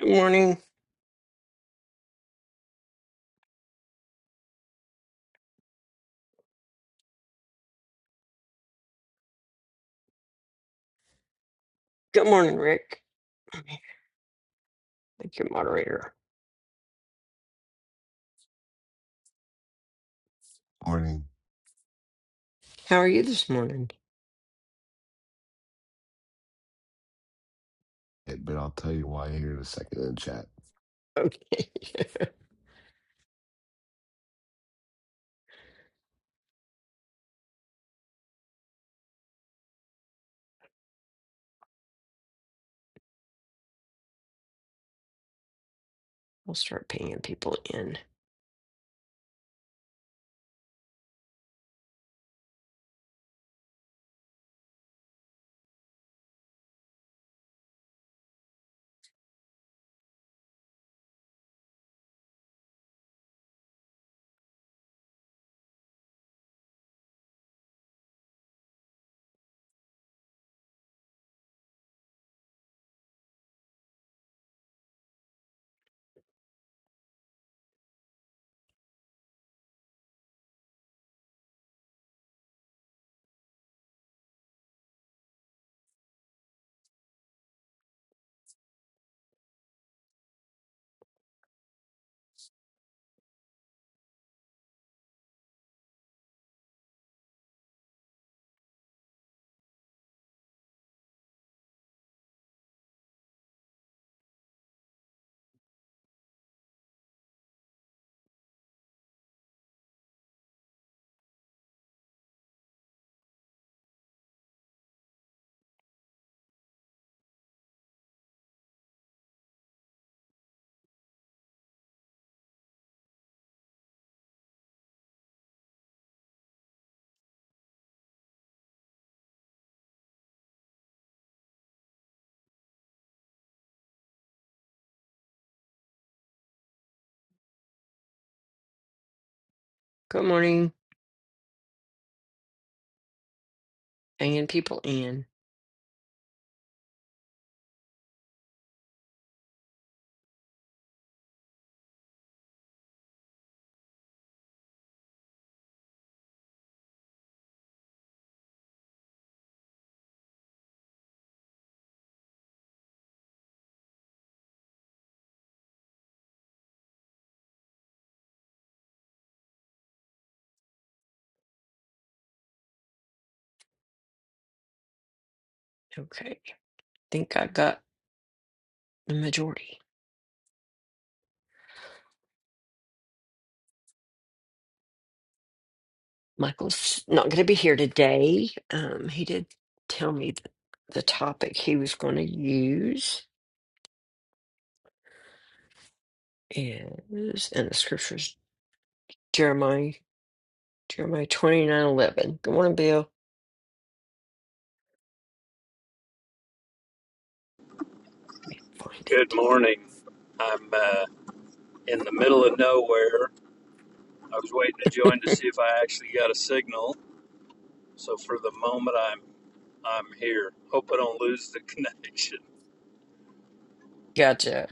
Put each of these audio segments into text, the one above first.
Good morning. Good morning, Rick. Thank you, moderator. morning, How are you this morning? but I'll tell you why here in a second in the chat. Okay. we'll start pinging people in. Good morning. Pinging people in. Okay. think I got the majority. Michael's not going to be here today. Um, he did tell me th- the topic he was going to use is, and the scriptures, Jeremiah, Jeremiah twenty nine eleven. Good morning, Bill. Let me find Good morning. I'm uh, in the middle of nowhere. I was waiting to join to it. see if I actually got a signal. So for the moment, I'm I'm here. Hope I don't lose the connection. Gotcha.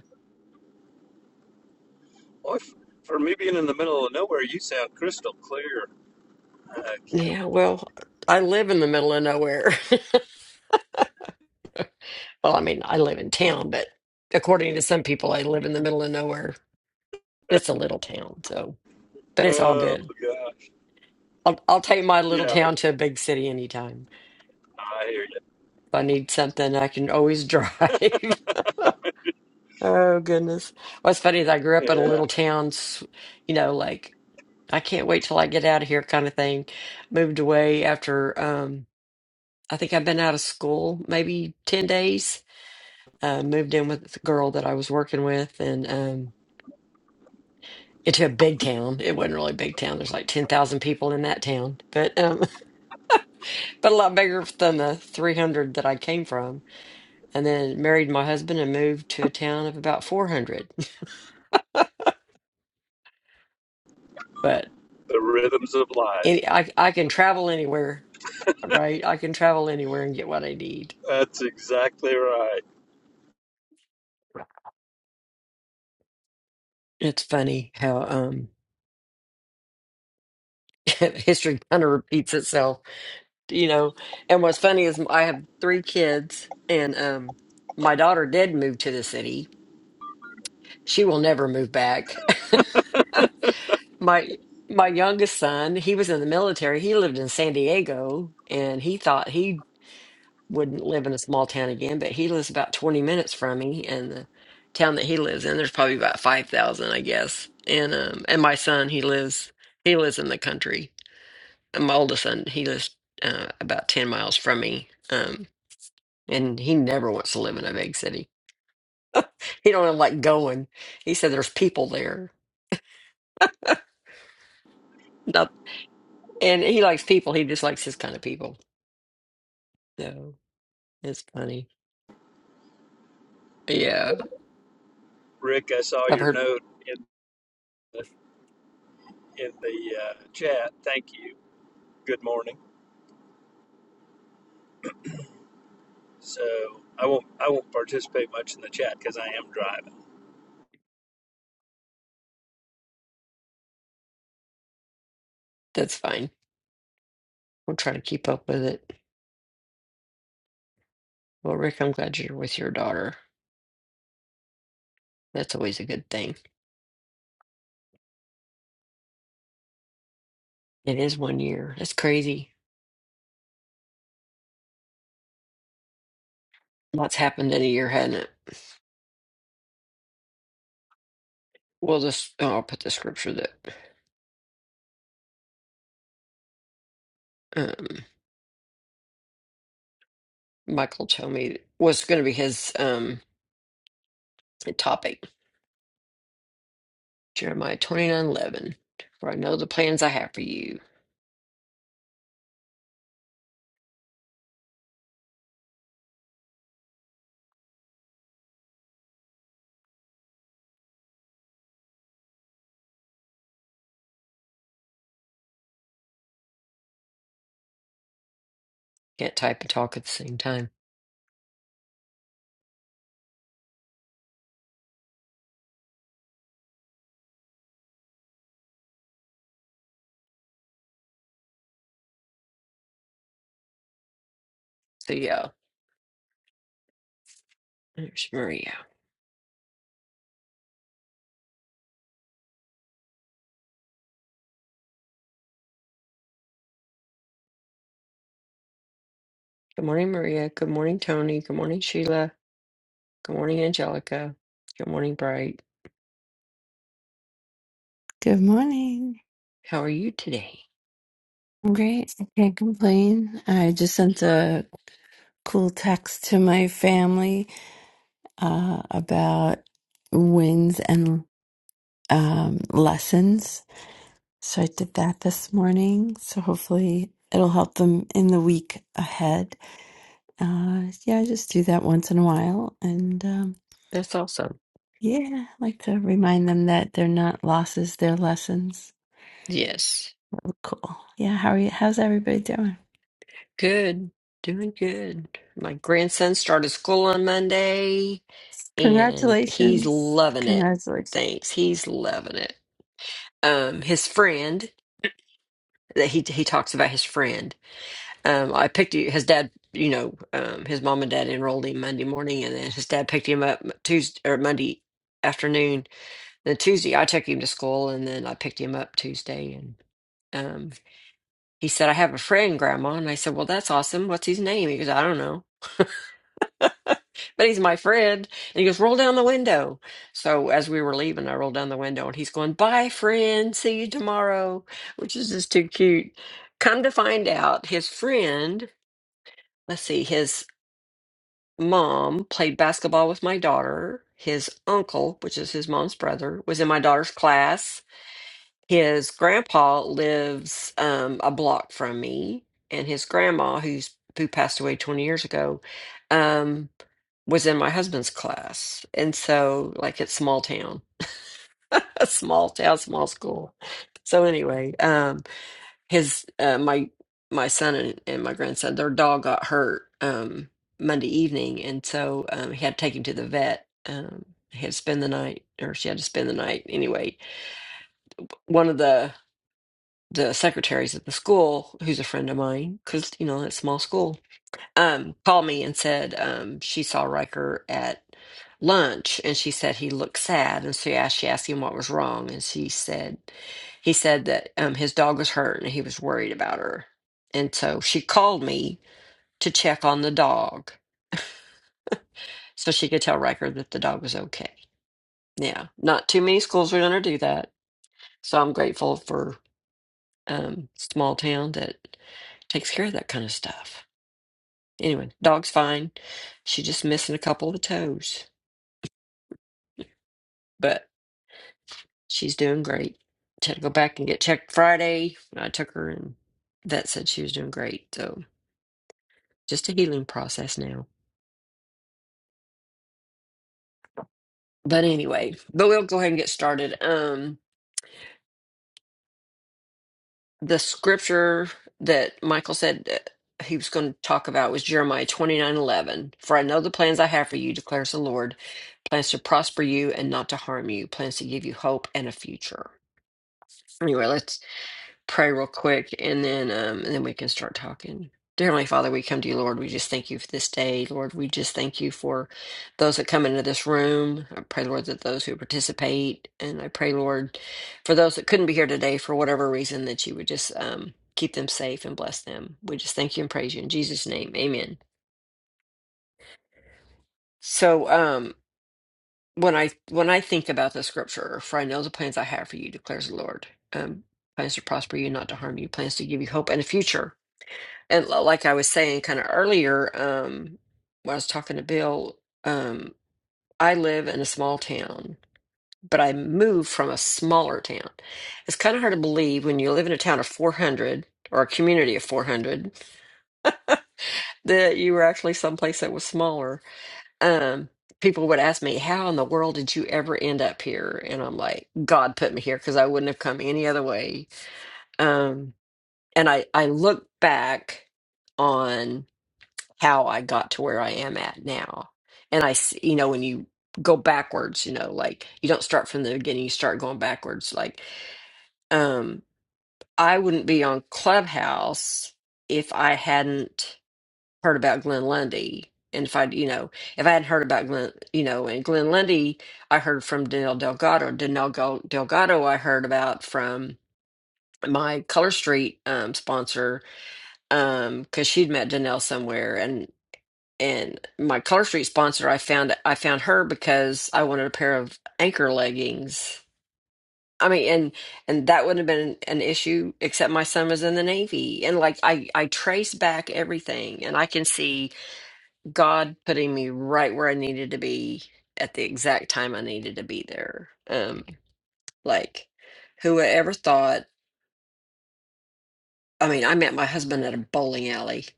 Boy, f- for me being in the middle of nowhere, you sound crystal clear. I can't. Yeah, well, I live in the middle of nowhere. Well, I mean, I live in town, but according to some people, I live in the middle of nowhere. It's a little town, so, but it's all Oh good. gosh. I'll, I'll take my little Yeah, town to a big city anytime. I hear you. If I need something, I can always drive. Oh, goodness. What's funny is I grew up in a Yeah, little town, s- you know, like, I can't wait till I get out of here kind of thing. Moved away after, um, I think I've been out of school maybe 10 days uh, moved in with the girl that I was working with and um into a big town. It wasn't really a big town. There's like 10,000 people in that town, but um but a lot bigger than the 300 that I came from. And then married my husband and moved to a town of about 400. But the rhythms of life. any, I I can travel anywhere, right? I can travel anywhere and get what I need. That's exactly right, It's funny how um history kind of repeats itself you know. And what's funny is I have three kids, and um, my daughter did move to the city. She will never move back. my my youngest son, he was in the military. He lived in San Diego, and he thought he wouldn't live in a small town again. But he lives about twenty minutes from me, and the town that he lives in, there's probably about five thousand, I guess. And um, and my son, he lives he lives in the country. And my oldest son, he lives uh, about ten miles from me. Um, and he never wants to live in a big city. He don't like going. He said there's people there. Not, and he likes people. He just likes his kind of people. So it's funny. Yeah, Rick. I saw I've your heard note in the, in the uh, chat. Thank you. Good morning. So I won't I won't participate much in the chat because I am driving. that's fine. We'll try to keep up with it. Well, Rick, I'm glad you're with your daughter. That's always a good thing. It is one year. That's crazy. Lots happened in a year, hadn't it? Well, this oh, I'll put the scripture that um, Michael told me was going to be his um, topic Jeremiah twenty nine eleven. For I know the plans I have for you. Can't type and talk at the same time. So, yeah, there's Maria. Good morning, Maria. Good morning, Tony. Good morning, Sheila. Good morning, Angelica. Good morning, Bright. Good morning. How are you today? I'm great. I can't complain. I just sent a cool text to my family uh, about wins and um, lessons. So I did that this morning. So hopefully it'll help them in the week ahead. Uh, yeah, I just do that once in a while. And um, That's awesome. yeah, I like to remind them that they're not losses, they're lessons. Yes. Cool. Yeah, how are you? How's everybody doing? Good. Doing good. My grandson started school on Monday and he's Congratulations. loving it. Congratulations. Thanks. He's loving it. Um, his friend that he he talks about his friend Um, I picked you, his dad, you know, um, his mom and dad enrolled him Monday morning, and then his dad picked him up Tuesday or Monday afternoon. Then Tuesday, I took him to school, and then I picked him up Tuesday. And um, he said, I have a friend, Grandma. And I said, Well, that's awesome. What's his name? He goes, I don't know, but he's my friend. And he goes, Roll down the window. So as we were leaving, I rolled down the window, and he's going, Bye, friend. See you tomorrow, which is just too cute. Come to find out, his friend, let's see, his mom played basketball with my daughter. His uncle, which is his mom's brother, was in my daughter's class. His grandpa lives um, a block from me, and his grandma, who's who passed away 20 years ago, um, was in my husband's class. And so, like, it's small town, a small town, small school. So anyway, um, his uh, my my son and, and my grandson their dog got hurt um monday evening and so um he had to take him to the vet um he had to spend the night or she had to spend the night anyway one of the the secretaries at the school who's a friend of mine because you know it's a small school um called me and said um she saw Riker at lunch and she said he looked sad and so yeah, she asked him what was wrong and she said he said that um, his dog was hurt and he was worried about her. And so she called me to check on the dog so she could tell Riker that the dog was okay. Yeah, not too many schools are going to do that. So I'm grateful for um, small town that takes care of that kind of stuff. Anyway, dog's fine. She's just missing a couple of toes, but she's doing great. She had to go back and get checked Friday. I took her and that said she was doing great. So just a healing process now. But anyway, but we'll go ahead and get started. Um, the scripture that Michael said uh, he was going to talk about was Jeremiah twenty nine eleven. For I know the plans I have for you, declares the Lord plans to prosper you and not to harm you, plans to give you hope and a future. Anyway, let's pray real quick and then um and then we can start talking. Dear Heavenly Father, we come to you, Lord. We just thank you for this day, Lord. We just thank you for those that come into this room. I pray, Lord, that those who participate, and I pray, Lord, for those that couldn't be here today for whatever reason, that you would just um, keep them safe and bless them. We just thank you and praise you in Jesus' name, Amen. So, um, when I when I think about the scripture, for I know the plans I have for you, declares the Lord, um, plans to prosper you, not to harm you, plans to give you hope and a future. and li- like I was saying kind of earlier, um, when I was talking to Bill, um, I live in a small town, but I moved from a smaller town. It's kind of hard to believe when you live in a town of 400 or a community of 400 that you were actually someplace that was smaller. Um, people would ask me, How in the world did you ever end up here? And I'm like, God put me here because I wouldn't have come any other way. Um, and I, I look back on how I got to where I am at now. And I, s- you know, when you go backwards, you know, like you don't start from the beginning, you start going backwards. Like, um, I wouldn't be on Clubhouse if I hadn't heard about Glenn Lundy. And if I, you know, if I hadn't heard about Glenn, you know, and Glenn Lundy, I heard from Daniel Delgado. Daniel Go- Delgado, I heard about from my Color Street um, sponsor um because she'd met Danelle somewhere, and. and my Color Street sponsor, I found I found her because I wanted a pair of anchor leggings. I mean, and and that wouldn't have been an issue except my son was in the Navy, and like I I trace back everything, and I can see God putting me right where I needed to be at the exact time I needed to be there. Um, like who ever thought? I mean, I met my husband at a bowling alley.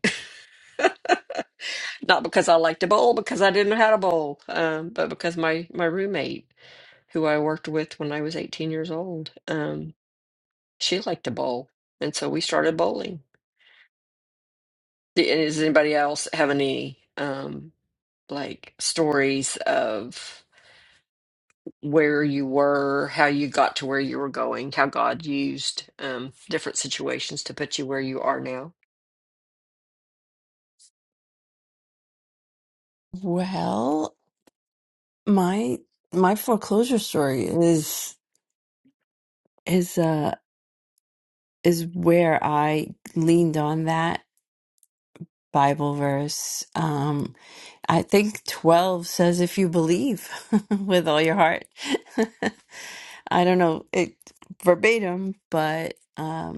Not because I liked to bowl, because I didn't know how to bowl, um, but because my my roommate. who I worked with when I was 18 years old. Um, she liked to bowl, and so we started bowling. D- and Does anybody else have any um, like stories of where you were, how you got to where you were going, how God used um, different situations to put you where you are now? Well, my my foreclosure story is is uh is where I leaned on that Bible verse. Um, I think 12 says if you believe with all your heart. I don't know it verbatim, but um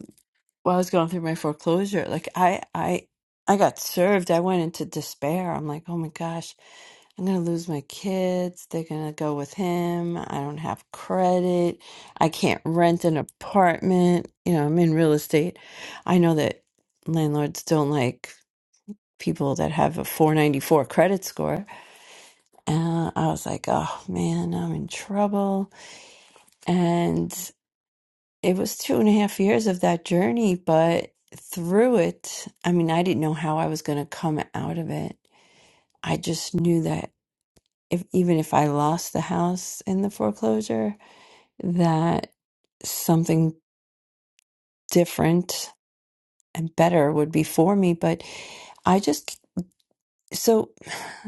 well, I was going through my foreclosure. Like I, I, I got served. I went into despair. I'm like, oh my gosh, I'm gonna lose my kids. They're gonna go with him. I don't have credit. I can't rent an apartment. You know, I'm in real estate. I know that landlords don't like people that have a 494 credit score. Uh, I was like, oh man, I'm in trouble. And it was two and a half years of that journey, but through it, I mean, I didn't know how I was going to come out of it. I just knew that if even if I lost the house in the foreclosure, that something different and better would be for me. But I just, so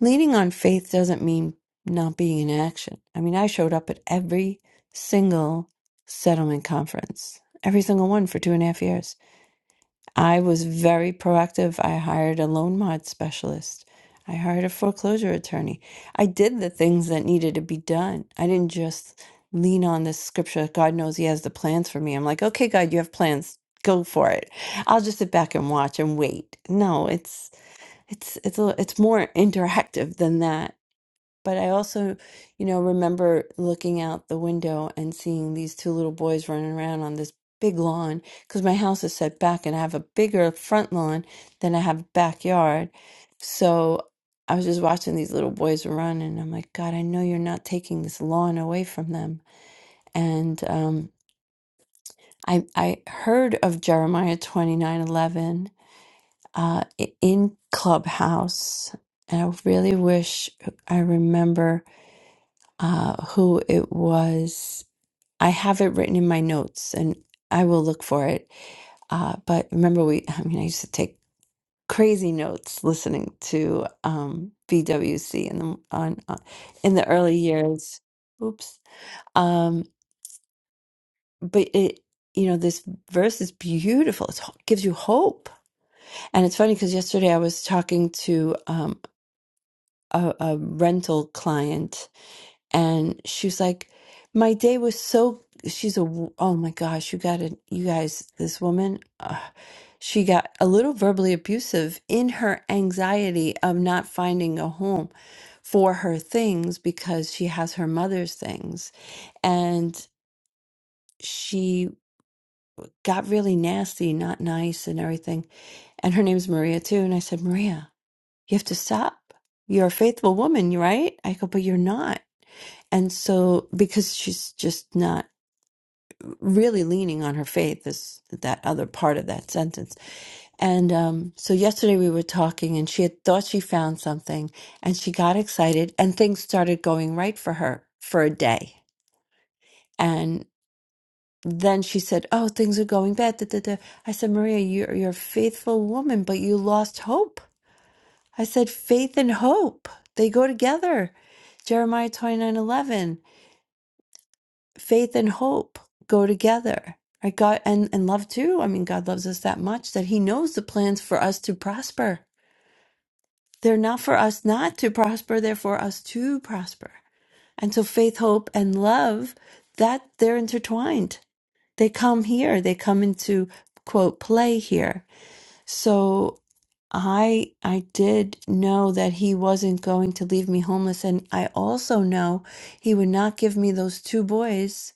leaning on faith doesn't mean not being in action. I mean, I showed up at every single settlement conference, every single one for two and a half years. I was very proactive. I hired a loan mod specialist. I hired a foreclosure attorney. I did the things that needed to be done. I didn't just lean on this scripture. God knows He has the plans for me. I'm like, okay, God, you have plans. Go for it. I'll just sit back and watch and wait. No, it's it's it's a, it's more interactive than that but I also, you know, remember looking out the window and seeing these two little boys running around on this big lawn because my house is set back and I have a bigger front lawn than I have backyard. So I was just watching these little boys run and I'm like, God, I know you're not taking this lawn away from them. And um, I, I heard of Jeremiah 29 11 uh, i- in Clubhouse. And I really wish I remember uh, who it was. I have it written in my notes and I will look for it. Uh, but remember, we, I mean, I used to take crazy notes listening to um, BWC in the, on, on, in the early years. Oops. Um, but it, you know, this verse is beautiful. It gives you hope. And it's funny because yesterday I was talking to um, a, a rental client and she was like my day was so she's a w- oh my gosh you gotta you guys this woman uh, she got a little verbally abusive in her anxiety of not finding a home for her things because she has her mother's things and she got really nasty not nice and everything and her name's maria too and i said maria you have to stop you're a faithful woman right i go but you're not and so because she's just not really leaning on her faith is that other part of that sentence. And um, so yesterday we were talking, and she had thought she found something, and she got excited, and things started going right for her for a day. And then she said, "Oh, things are going bad." Da, da, da. I said, "Maria, you're you're a faithful woman, but you lost hope." I said, "Faith and hope they go together." Jeremiah twenty nine eleven. faith and hope go together right god and and love too i mean god loves us that much that he knows the plans for us to prosper they're not for us not to prosper they're for us to prosper and so faith hope and love that they're intertwined they come here they come into quote play here so i i did know that he wasn't going to leave me homeless and i also know he would not give me those two boys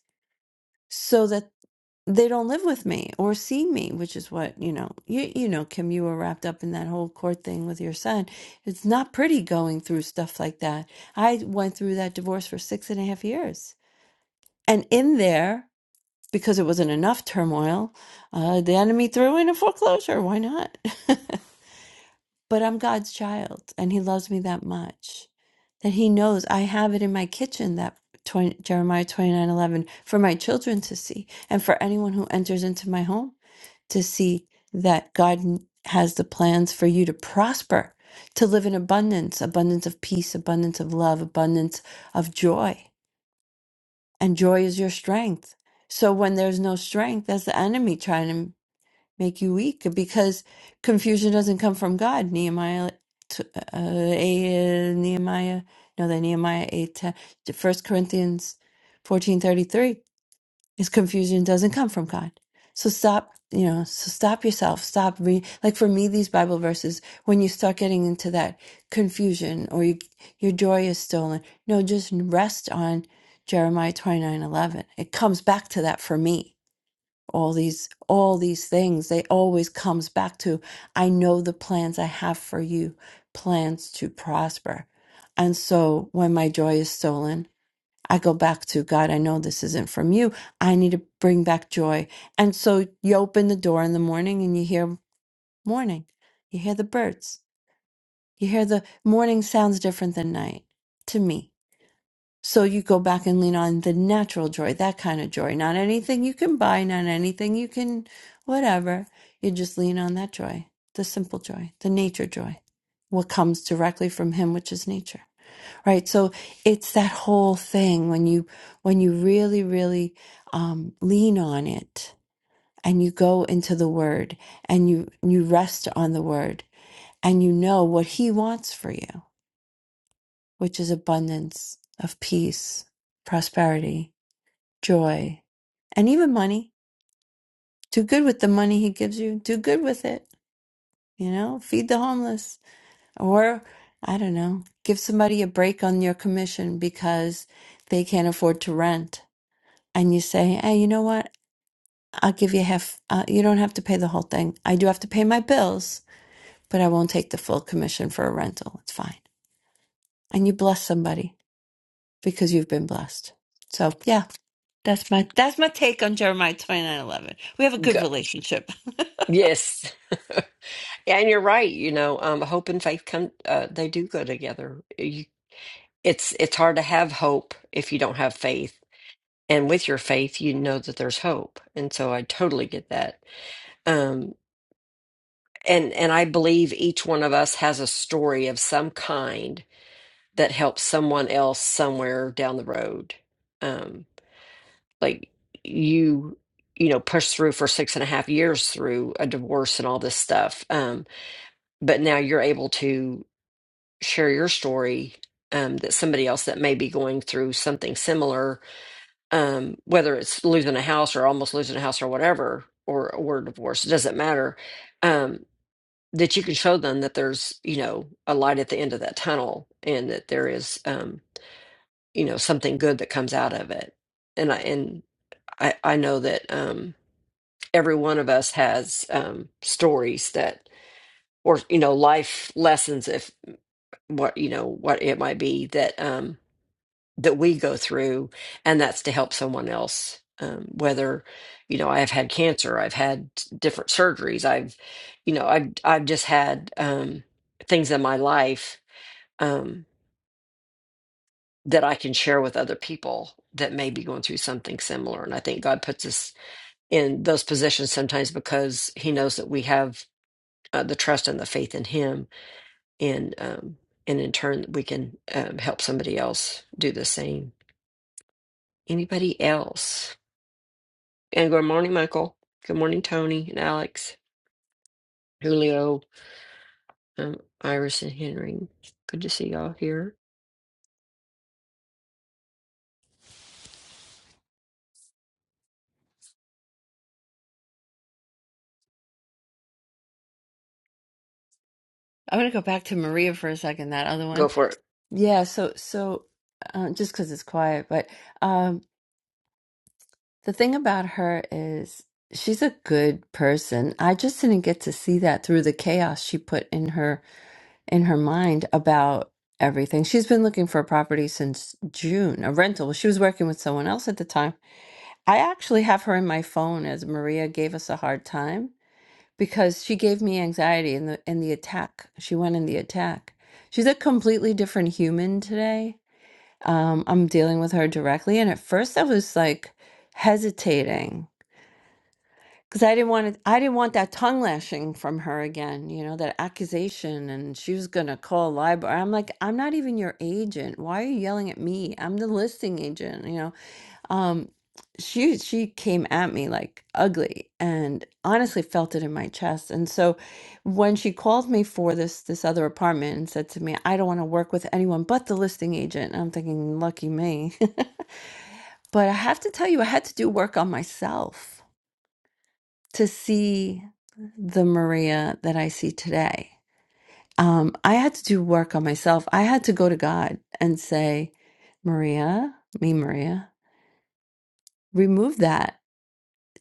so that. they don't live with me or see me, which is what, you know, you you know, Kim, you were wrapped up in that whole court thing with your son. It's not pretty going through stuff like that. I went through that divorce for six and a half years. And in there, because it wasn't enough turmoil, uh, the enemy threw in a foreclosure. Why not? but I'm God's child and he loves me that much that he knows I have it in my kitchen that 20, Jeremiah 29:11 for my children to see and for anyone who enters into my home to see that God n- has the plans for you to prosper, to live in abundance, abundance of peace, abundance of love, abundance of joy. And joy is your strength. So when there's no strength, that's the enemy trying to make you weak because confusion doesn't come from God. Nehemiah, t- uh, eh, Nehemiah, no, the Nehemiah 8, ten, First Corinthians fourteen thirty three. His confusion doesn't come from God. So stop, you know, so stop yourself. Stop re like for me, these Bible verses, when you start getting into that confusion or you, your joy is stolen, no, just rest on Jeremiah twenty nine eleven. It comes back to that for me. All these, all these things, they always comes back to, I know the plans I have for you, plans to prosper. And so when my joy is stolen, I go back to God, I know this isn't from you. I need to bring back joy. And so you open the door in the morning and you hear morning. You hear the birds. You hear the morning sounds different than night to me. So you go back and lean on the natural joy, that kind of joy, not anything you can buy, not anything you can whatever. You just lean on that joy, the simple joy, the nature joy, what comes directly from Him, which is nature. Right. So it's that whole thing when you when you really, really um, lean on it and you go into the word and you you rest on the word and you know what he wants for you, which is abundance of peace, prosperity, joy, and even money. Do good with the money he gives you. Do good with it. You know, feed the homeless or I don't know, give somebody a break on your commission because they can't afford to rent and you say, "Hey, you know what? I'll give you half. Uh, you don't have to pay the whole thing. I do have to pay my bills, but I won't take the full commission for a rental. It's fine." And you bless somebody because you've been blessed. So yeah, that's my that's my take on Jeremiah twenty nine eleven. We have a good Good. relationship. Yes, and you're right. You know, um, hope and faith come; uh, they do go together. You, it's it's hard to have hope if you don't have faith and with your faith you know that there's hope and so i totally get that um and and i believe each one of us has a story of some kind that helps someone else somewhere down the road um like you you know pushed through for six and a half years through a divorce and all this stuff um but now you're able to share your story um that somebody else that may be going through something similar um, whether it's losing a house or almost losing a house or whatever, or or divorce, it doesn't matter. Um, that you can show them that there's you know a light at the end of that tunnel, and that there is um, you know something good that comes out of it. And I and I I know that um, every one of us has um, stories that or you know life lessons if what you know what it might be that um that we go through, and that's to help someone else. Um, whether you know, I have had cancer, I've had different surgeries, I've you know, I've I've just had um, things in my life um, that I can share with other people that may be going through something similar. And I think God puts us in those positions sometimes because He knows that we have uh, the trust and the faith in Him, and um, and in turn we can um, help somebody else do the same. Anybody else? And good morning, Michael. Good morning, Tony and Alex, Julio, um, Iris, and Henry. Good to see y'all here. I'm gonna go back to Maria for a second. That other Go one, for it. yeah. So so uh, just because it's quiet, but um, The thing about her is she's a good person. I just didn't get to see that through the chaos she put in her in her mind about everything. She's been looking for a property since June, a rental. She was working with someone else at the time. I actually have her in my phone as Maria gave us a hard time because she gave me anxiety in the in the attack. She went in the attack. She's a completely different human today. Um, I'm dealing with her directly, and at first I was like hesitating because I didn't want to, I didn't want that tongue lashing from her again, you know, that accusation. And she was going to call library. I'm like, I'm not even your agent. Why are you yelling at me? I'm the listing agent, you know. Um, she she came at me like ugly and honestly felt it in my chest. And so when she called me for this this other apartment and said to me, I don't want to work with anyone but the listing agent. And I'm thinking, lucky me. but I have to tell you, I had to do work on myself to see the Maria that I see today. Um, I had to do work on myself. I had to go to God and say, Maria, me, Maria, remove that.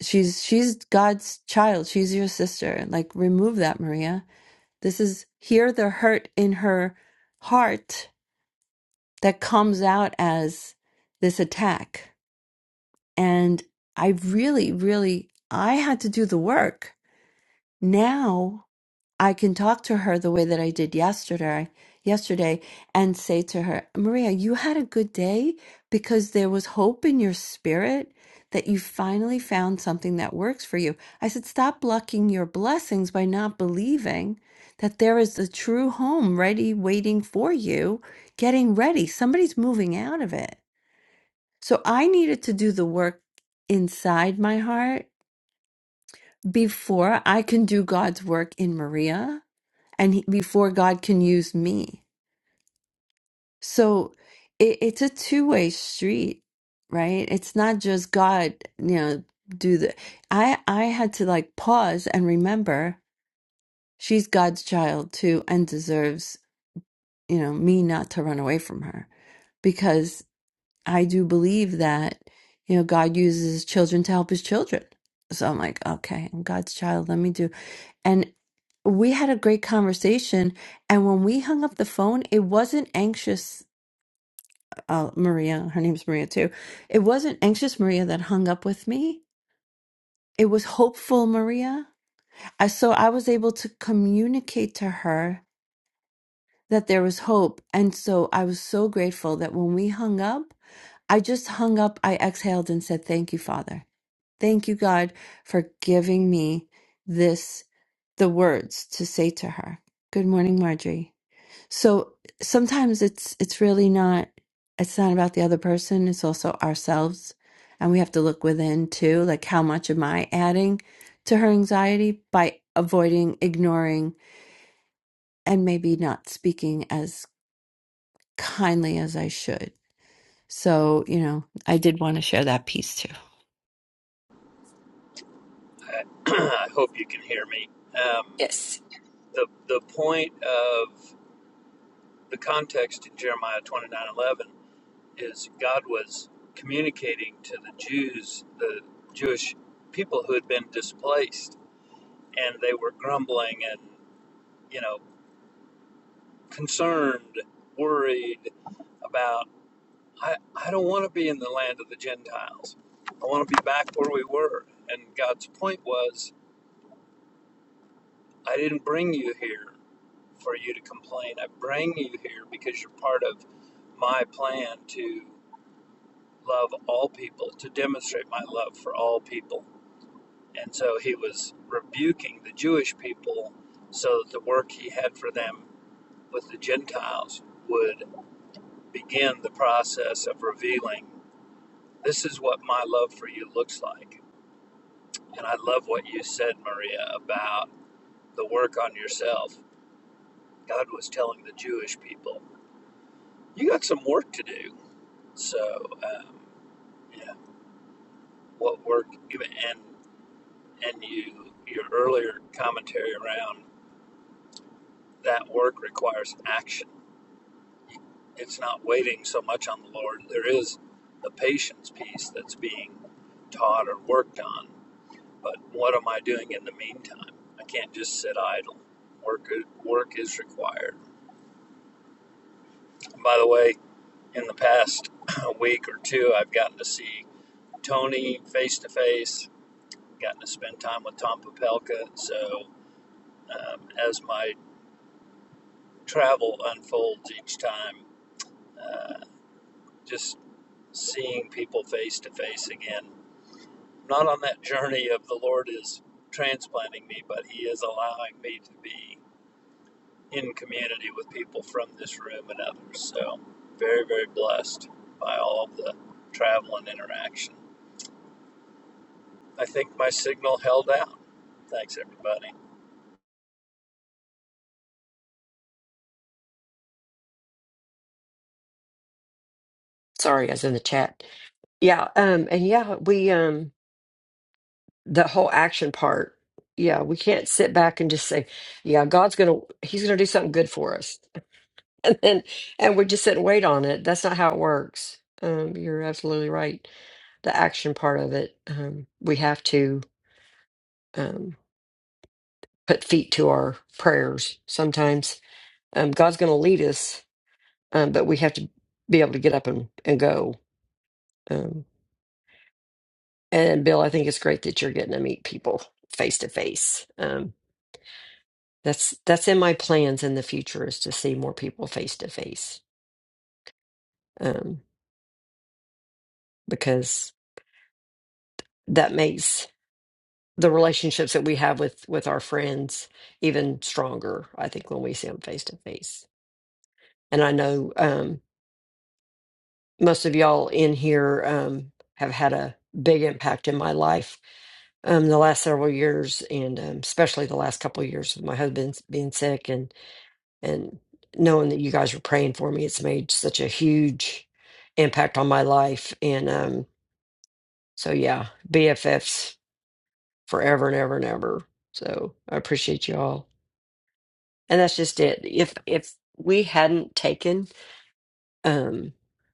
She's she's God's child. She's your sister. Like remove that, Maria. This is here the hurt in her heart that comes out as this attack. And I really, really, I had to do the work. Now I can talk to her the way that I did yesterday, yesterday, and say to her, Maria, you had a good day because there was hope in your spirit that you finally found something that works for you. I said, stop blocking your blessings by not believing that there is a true home ready, waiting for you, getting ready. Somebody's moving out of it. So I needed to do the work inside my heart before I can do God's work in Maria and he, before God can use me. So it, it's a two way street, right? It's not just God, you know, do the. I I had to like pause and remember she's God's child too and deserves you know me not to run away from her because I do believe that you know God uses children to help His children. So I'm like, okay, I'm God's child. Let me do and we had a great conversation and when we hung up the phone it wasn't anxious uh, maria her name's maria too it wasn't anxious maria that hung up with me it was hopeful maria I- so i was able to communicate to her that there was hope and so i was so grateful that when we hung up i just hung up i exhaled and said thank you father thank you god for giving me this the words to say to her good morning marjorie So sometimes it's it's really not it's not about the other person, it's also ourselves. And we have to look within too, like how much am I adding to her anxiety by avoiding, ignoring, and maybe not speaking as kindly as I should. So, you know, I did want to share that piece too. I hope you can hear me. Um, Yes. the the point of the context in Jeremiah twenty nine eleven is God was communicating to the Jews, the Jewish people who had been displaced, and they were grumbling and you know concerned, worried about I, I don't want to be in the land of the Gentiles. I want to be back where we were. And God's point was I didn't bring you here for you to complain. I bring you here because you're part of my plan to love all people, to demonstrate my love for all people. And so he was rebuking the Jewish people so that the work he had for them with the Gentiles would begin the process of revealing this is what my love for you looks like. And I love what you said, Maria, about the work on yourself. God was telling the Jewish people you got some work to do. So, um, yeah, what work? And and you your earlier commentary around that work requires action. It's not waiting so much on the Lord. There is the patience piece that's being taught or worked on. But what am I doing in the meantime? I can't just sit idle. Work work is required. And by the way, in the past week or two, I've gotten to see Tony face to face gotten to spend time with Tom Popelka. So um, as my travel unfolds each time, uh, just seeing people face to face again. Not on that journey of the Lord is transplanting me, but He is allowing me to be in community with people from this room and others. So very, very blessed by all of the travel and interaction. I think my signal held out. Thanks, everybody. Sorry, I was in the chat. Yeah. Um, and yeah, we, um, the whole action part. Yeah. We can't sit back and just say, yeah, God's going to, he's going to do something good for us. And then, and we just sit and wait on it. That's not how it works. Um, you're absolutely right. The action part of it, um, we have to. Um. put feet to our prayers sometimes. Um, God's going to lead us, um, but we have to be able to get up and, and go. Um, and Bill, I think it's great that you're getting to meet people face to face. Um, That's that's in my plans in the future is to see more people face to face um, because that makes the relationships that we have with with our friends even stronger. I think when we see them face to face, and I know. Um, most of y'all in here um, have had a big impact in my life um, the last several years, and um, especially the last couple of years of my husband being sick, and and knowing that you guys were praying for me, it's made such a huge impact on my life. And um, so, yeah, BFFs forever and ever and ever. So I appreciate you all, and that's just it. If if we hadn't taken um,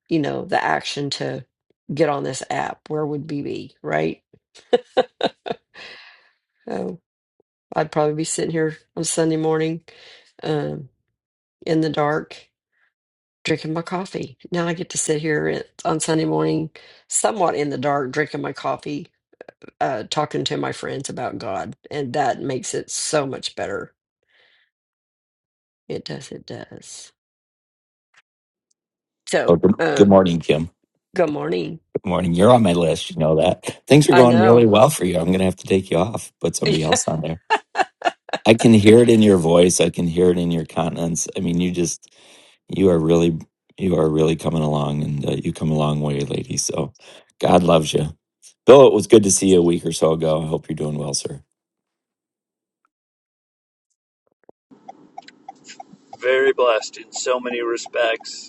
you know, the action to get on this app, where would we be, right? Oh, I'd probably be sitting here on Sunday morning, um, in the dark, drinking my coffee. Now I get to sit here at- on Sunday morning, somewhat in the dark, drinking my coffee, uh, talking to my friends about God, and that makes it so much better. It does. It does. Oh, So, good, good um, morning, Kim. good morning. Good morning. You're on my list. You know that. Things are I going really know. well for you. I'm going to have to take you off, put somebody else on there. I can hear it in your voice. I can hear it in your countenance. I mean, you just, you are really, you are really coming along and uh, you come a long way, lady. So God loves you. Bill, it was good to see you a week or so ago. I hope you're doing well, sir. Very blessed in so many respects.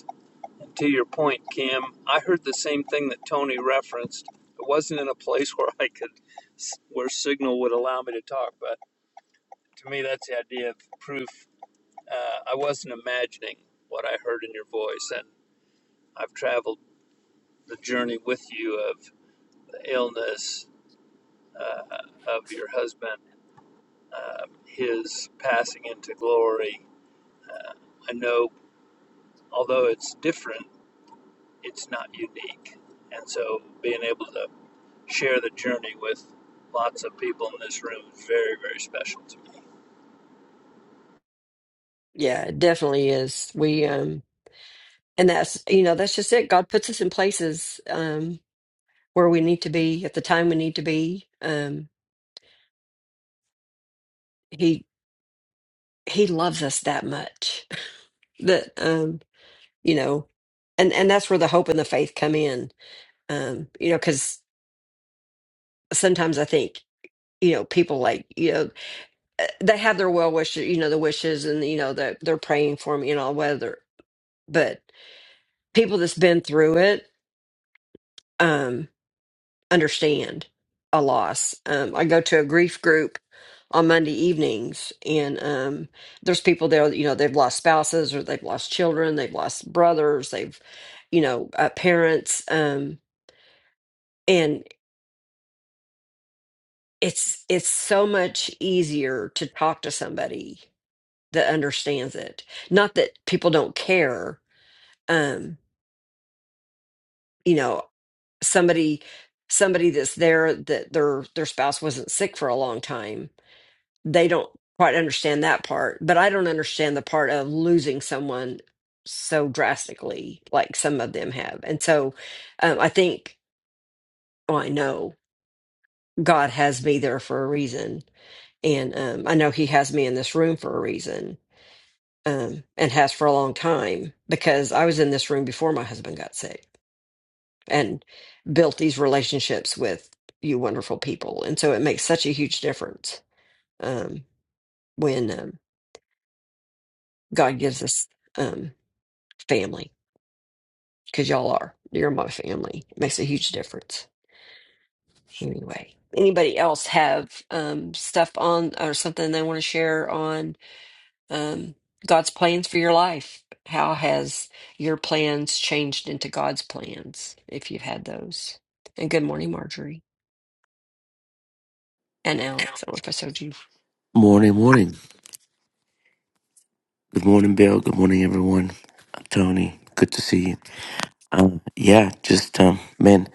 To your point, Cam, I heard the same thing that Tony referenced. It wasn't in a place where I could, where signal would allow me to talk, but to me, that's the idea of proof. Uh, I wasn't imagining what I heard in your voice, and I've traveled the journey with you of the illness uh, of your husband, uh, his passing into glory. I know, although it's different, it's not unique. And so being able to share the journey with lots of people in this room is very, very special to me. Yeah, it definitely is. We um And that's, you know, that's just it. God puts us in places um, where we need to be at the time we need to be. Um, he He loves us that much that um, you know, and and that's where the hope and the faith come in. Um, you know, because sometimes I think you know people like you know uh, they have their well wishes, you know, the wishes, and you know that they're praying for me and all weather, but people that's been through it. Um, understand a loss. Um, I go to a grief group on Monday evenings, and um, there's people there, you know, they've lost spouses or they've lost children, they've lost brothers, they've, you know, uh, parents. Um, and it's it's so much easier to talk to somebody that understands it. Not that people don't care. Um, you know, somebody somebody that's there that their their spouse wasn't sick for a long time they don't quite understand that part but i don't understand the part of losing someone so drastically like some of them have and so um, i think well i know god has me there for a reason and um, i know he has me in this room for a reason um, and has for a long time because i was in this room before my husband got sick and built these relationships with you wonderful people and so it makes such a huge difference um, when um, god gives us um, family because y'all are. You're my family. It makes a huge difference. Anyway, anybody else have um, stuff on or something they want to share on um, God's plans for your life? How has your plans changed into God's plans if you've had those? And good morning, Marjorie and Alex. I don't know if I showed you. Morning, morning. Good morning, Bill. Good morning, everyone. Uh, Tony, good to see you. Um, yeah, just um, man,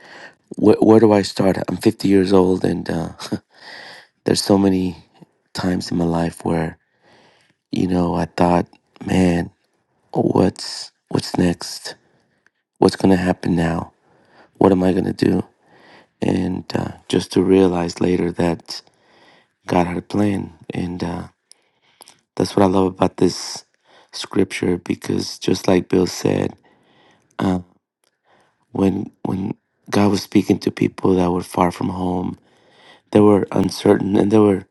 wh- where do I start? I'm 50 years old, and uh, there's so many times in my life where you know I thought, man, what's what's next? What's gonna happen now? What am I gonna do? And uh, just to realize later that God had a plan, and uh, that's what I love about this scripture because just like Bill said when when God was speaking to people that were far from home, they were uncertain and they were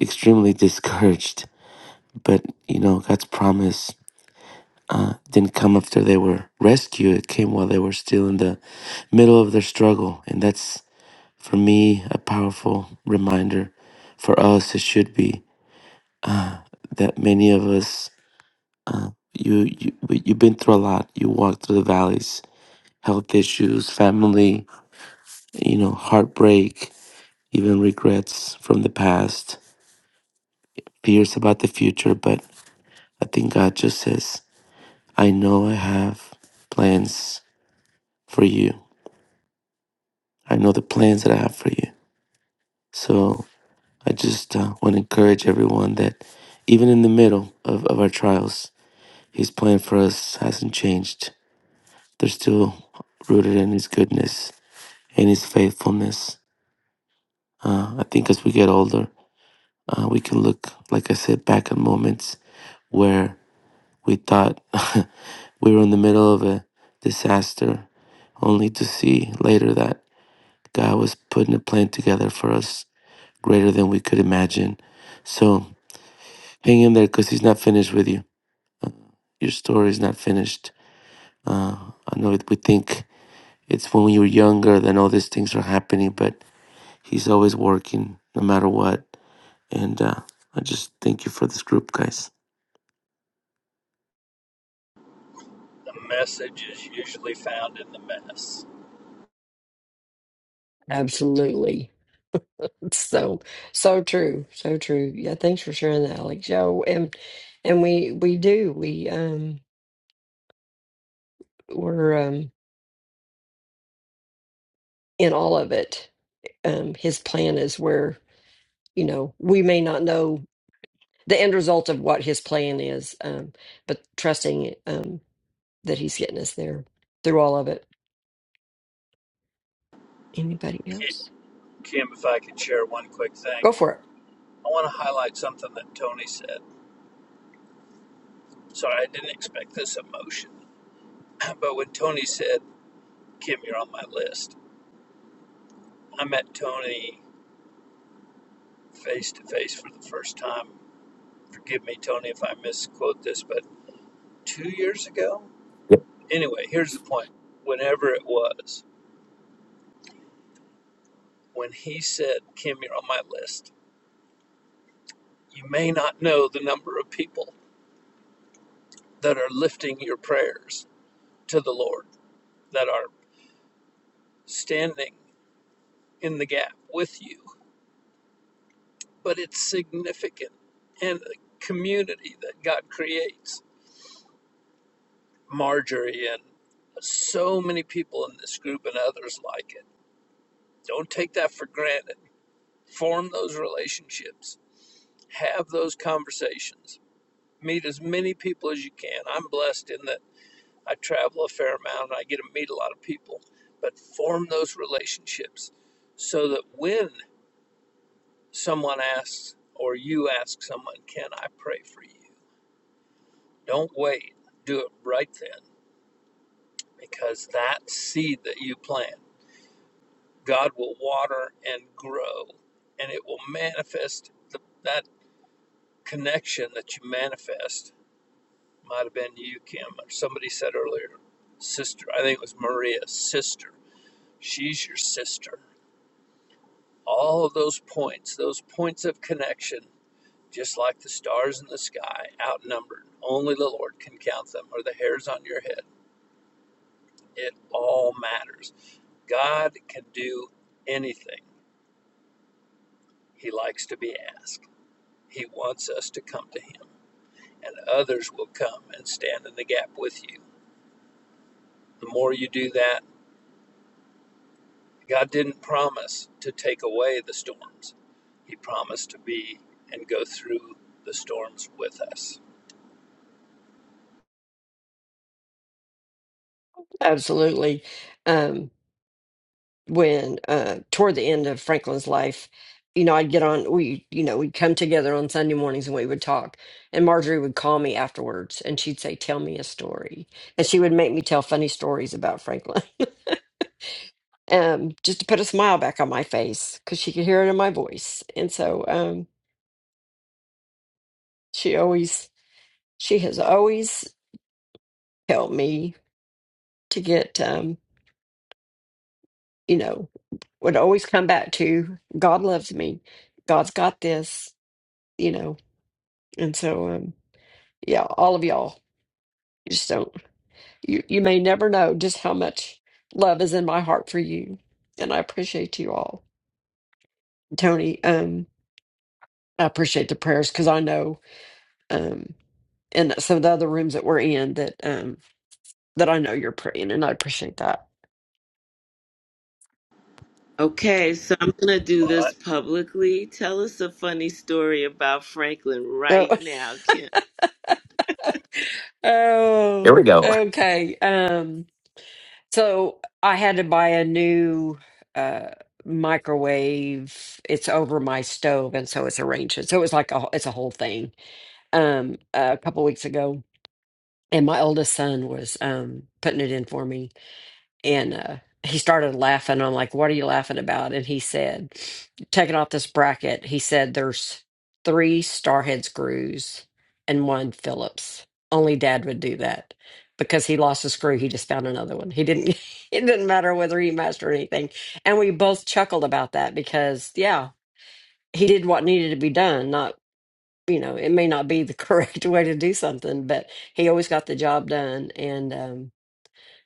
extremely discouraged. But you know, God's promise didn't come after they were rescued. It came while they were still in the middle of their struggle. And that's for me a powerful reminder. For us, it should be uh, that many of us, uh, you, you you've been through a lot. You walked through the valleys, health issues, family, you know, heartbreak even regrets from the past, fears about the future. But I think God just says, I know I have plans for you. I know the plans that I have for you. So I just uh, want to encourage everyone that even in the middle of, of our trials, His plan for us hasn't changed. They're still rooted in His goodness and His faithfulness. Uh, I think as we get older, uh, we can look, like I said, back at moments where We thought we were in the middle of a disaster, only to see later that God was putting a plan together for us greater than we could imagine. So hang in there because He's not finished with you. Your story is not finished. Uh, I know we think it's when you're younger then all these things are happening, but He's always working no matter what. And uh, I just thank you for this group, guys. The message is usually found in the mess. Absolutely. It's So so true. So true. Yeah, thanks for sharing that, Alex. Yo, and and we we do. We um we're um in all of it, um, his plan is where, you know, we may not know the end result of what his plan is, um, but trusting um, that he's getting us there through all of it. Anybody Ki- else? Kim, if I could share one quick thing, Go for it. I want to highlight something that Tony said. Sorry, I didn't expect this emotion. But when Tony said, Kim, you're on my list, I met Tony face to face for the first time. Forgive me, Tony, if I misquote this, but two years ago? Yep. Anyway, here's the point. Whenever it was, when he said, Kim, you're on my list, you may not know the number of people that are lifting your prayers to the Lord, that are standing in the gap with you, but it's significant. And the community that God creates, Marjorie and so many people in this group and others like it, don't take that for granted. Form those relationships, have those conversations, meet as many people as you can. I'm blessed in that. I travel a fair amount and I get to meet a lot of people, but form those relationships so that when someone asks or you ask someone, Can I pray for you? Don't wait. Do it right then because that seed that you plant, God will water and grow and it will manifest the, that connection that you manifest. Might have been you, Kim, or somebody said earlier, sister. I think it was Maria's sister. She's your sister all of those points, those points of connection, just like the stars in the sky, outnumbered. Only the Lord can count them, or the hairs on your head. It all matters. God can do anything. He likes to be asked. He wants us to come to Him, and others will come and stand in the gap with you. The more you do that, God didn't promise to take away the storms, He promised to be and go through the storms with us. Absolutely. Um, when uh, toward the end of Franklin's life, you know, I'd get on, we, you know, we'd come together on Sunday mornings and we would talk. And Marjorie would call me afterwards and she'd say, Tell me a story. And she would make me tell funny stories about Franklin. um, just to put a smile back on my face because she could hear it in my voice. And so um, she always, she has always helped me to get, um, you know, would always come back to God loves me, God's got this, you know. And so, um, yeah, all of y'all, you just don't, you, you may never know just how much love is in my heart for you. And I appreciate you all. Tony, um, I appreciate the prayers because I know. um. and some of the other rooms that we're in that um that I know you're praying and I appreciate that. Okay, so I'm going to do Well, this publicly. Tell us a funny story about Franklin Oh, right now, Kim. Here oh we go. okay. Um so I had to buy a new uh microwave. It's over my stove and so it's arranged. it. So it was like a it's a whole thing. Um a couple weeks ago and my oldest son was um putting it in for me and uh, he started laughing. I'm like, "What are you laughing about?" And he said, "Taking off this bracket." He said, "There's three Starhead screws and one Phillips. Only Dad would do that because he lost a screw. He just found another one. He didn't. It didn't matter whether he matched or anything." And we both chuckled about that because, yeah, he did what needed to be done. Not, you know, it may not be the correct way to do something, but he always got the job done. And um,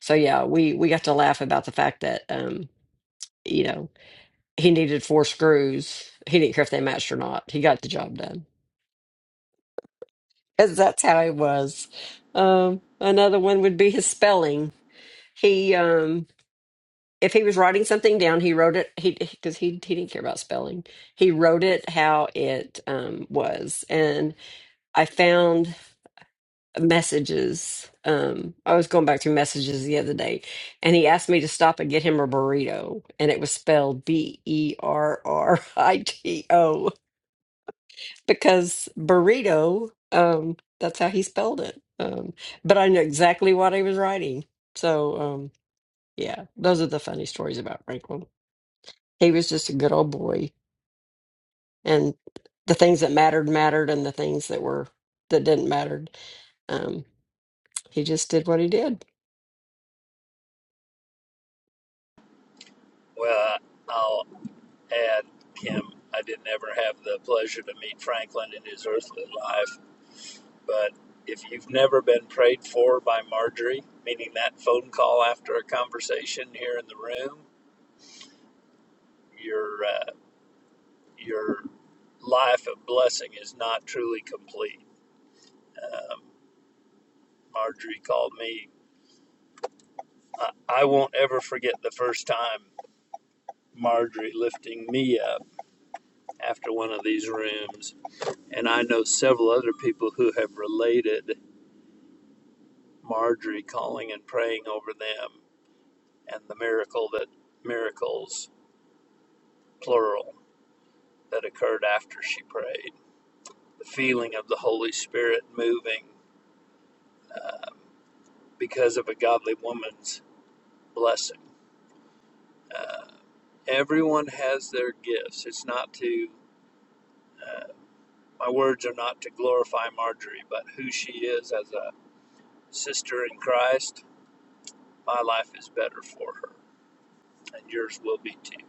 so yeah, we we got to laugh about the fact that um, you know, he needed four screws. He didn't care if they matched or not. He got the job done. Cuz that's how he was. Um, another one would be his spelling. He um if he was writing something down, he wrote it he cuz he he didn't care about spelling. He wrote it how it um was. And I found messages. Um, I was going back through messages the other day, and he asked me to stop and get him a burrito, and it was spelled B E R R I T O because burrito. Um, that's how he spelled it. Um, but I knew exactly what he was writing. So um, yeah, those are the funny stories about Franklin. He was just a good old boy, and the things that mattered mattered, and the things that were that didn't mattered. um, He just did what he did. Well, I'll add, Kim, I didn't ever have the pleasure to meet Franklin in his earthly life, but if you've never been prayed for by Marjorie, meaning that phone call after a conversation here in the room, your uh, your life of blessing is not truly complete. Um, Marjorie called me. I, I won't ever forget the first time Marjorie lifting me up after one of these rooms and I know several other people who have related. Marjorie calling and praying over them and the miracle that miracles plural that occurred after she prayed the feeling of the holy spirit moving um, because of a godly woman's blessing uh, everyone has their gifts it's not to uh, my words are not to glorify marjorie but who she is as a sister in christ my life is better for her and yours will be too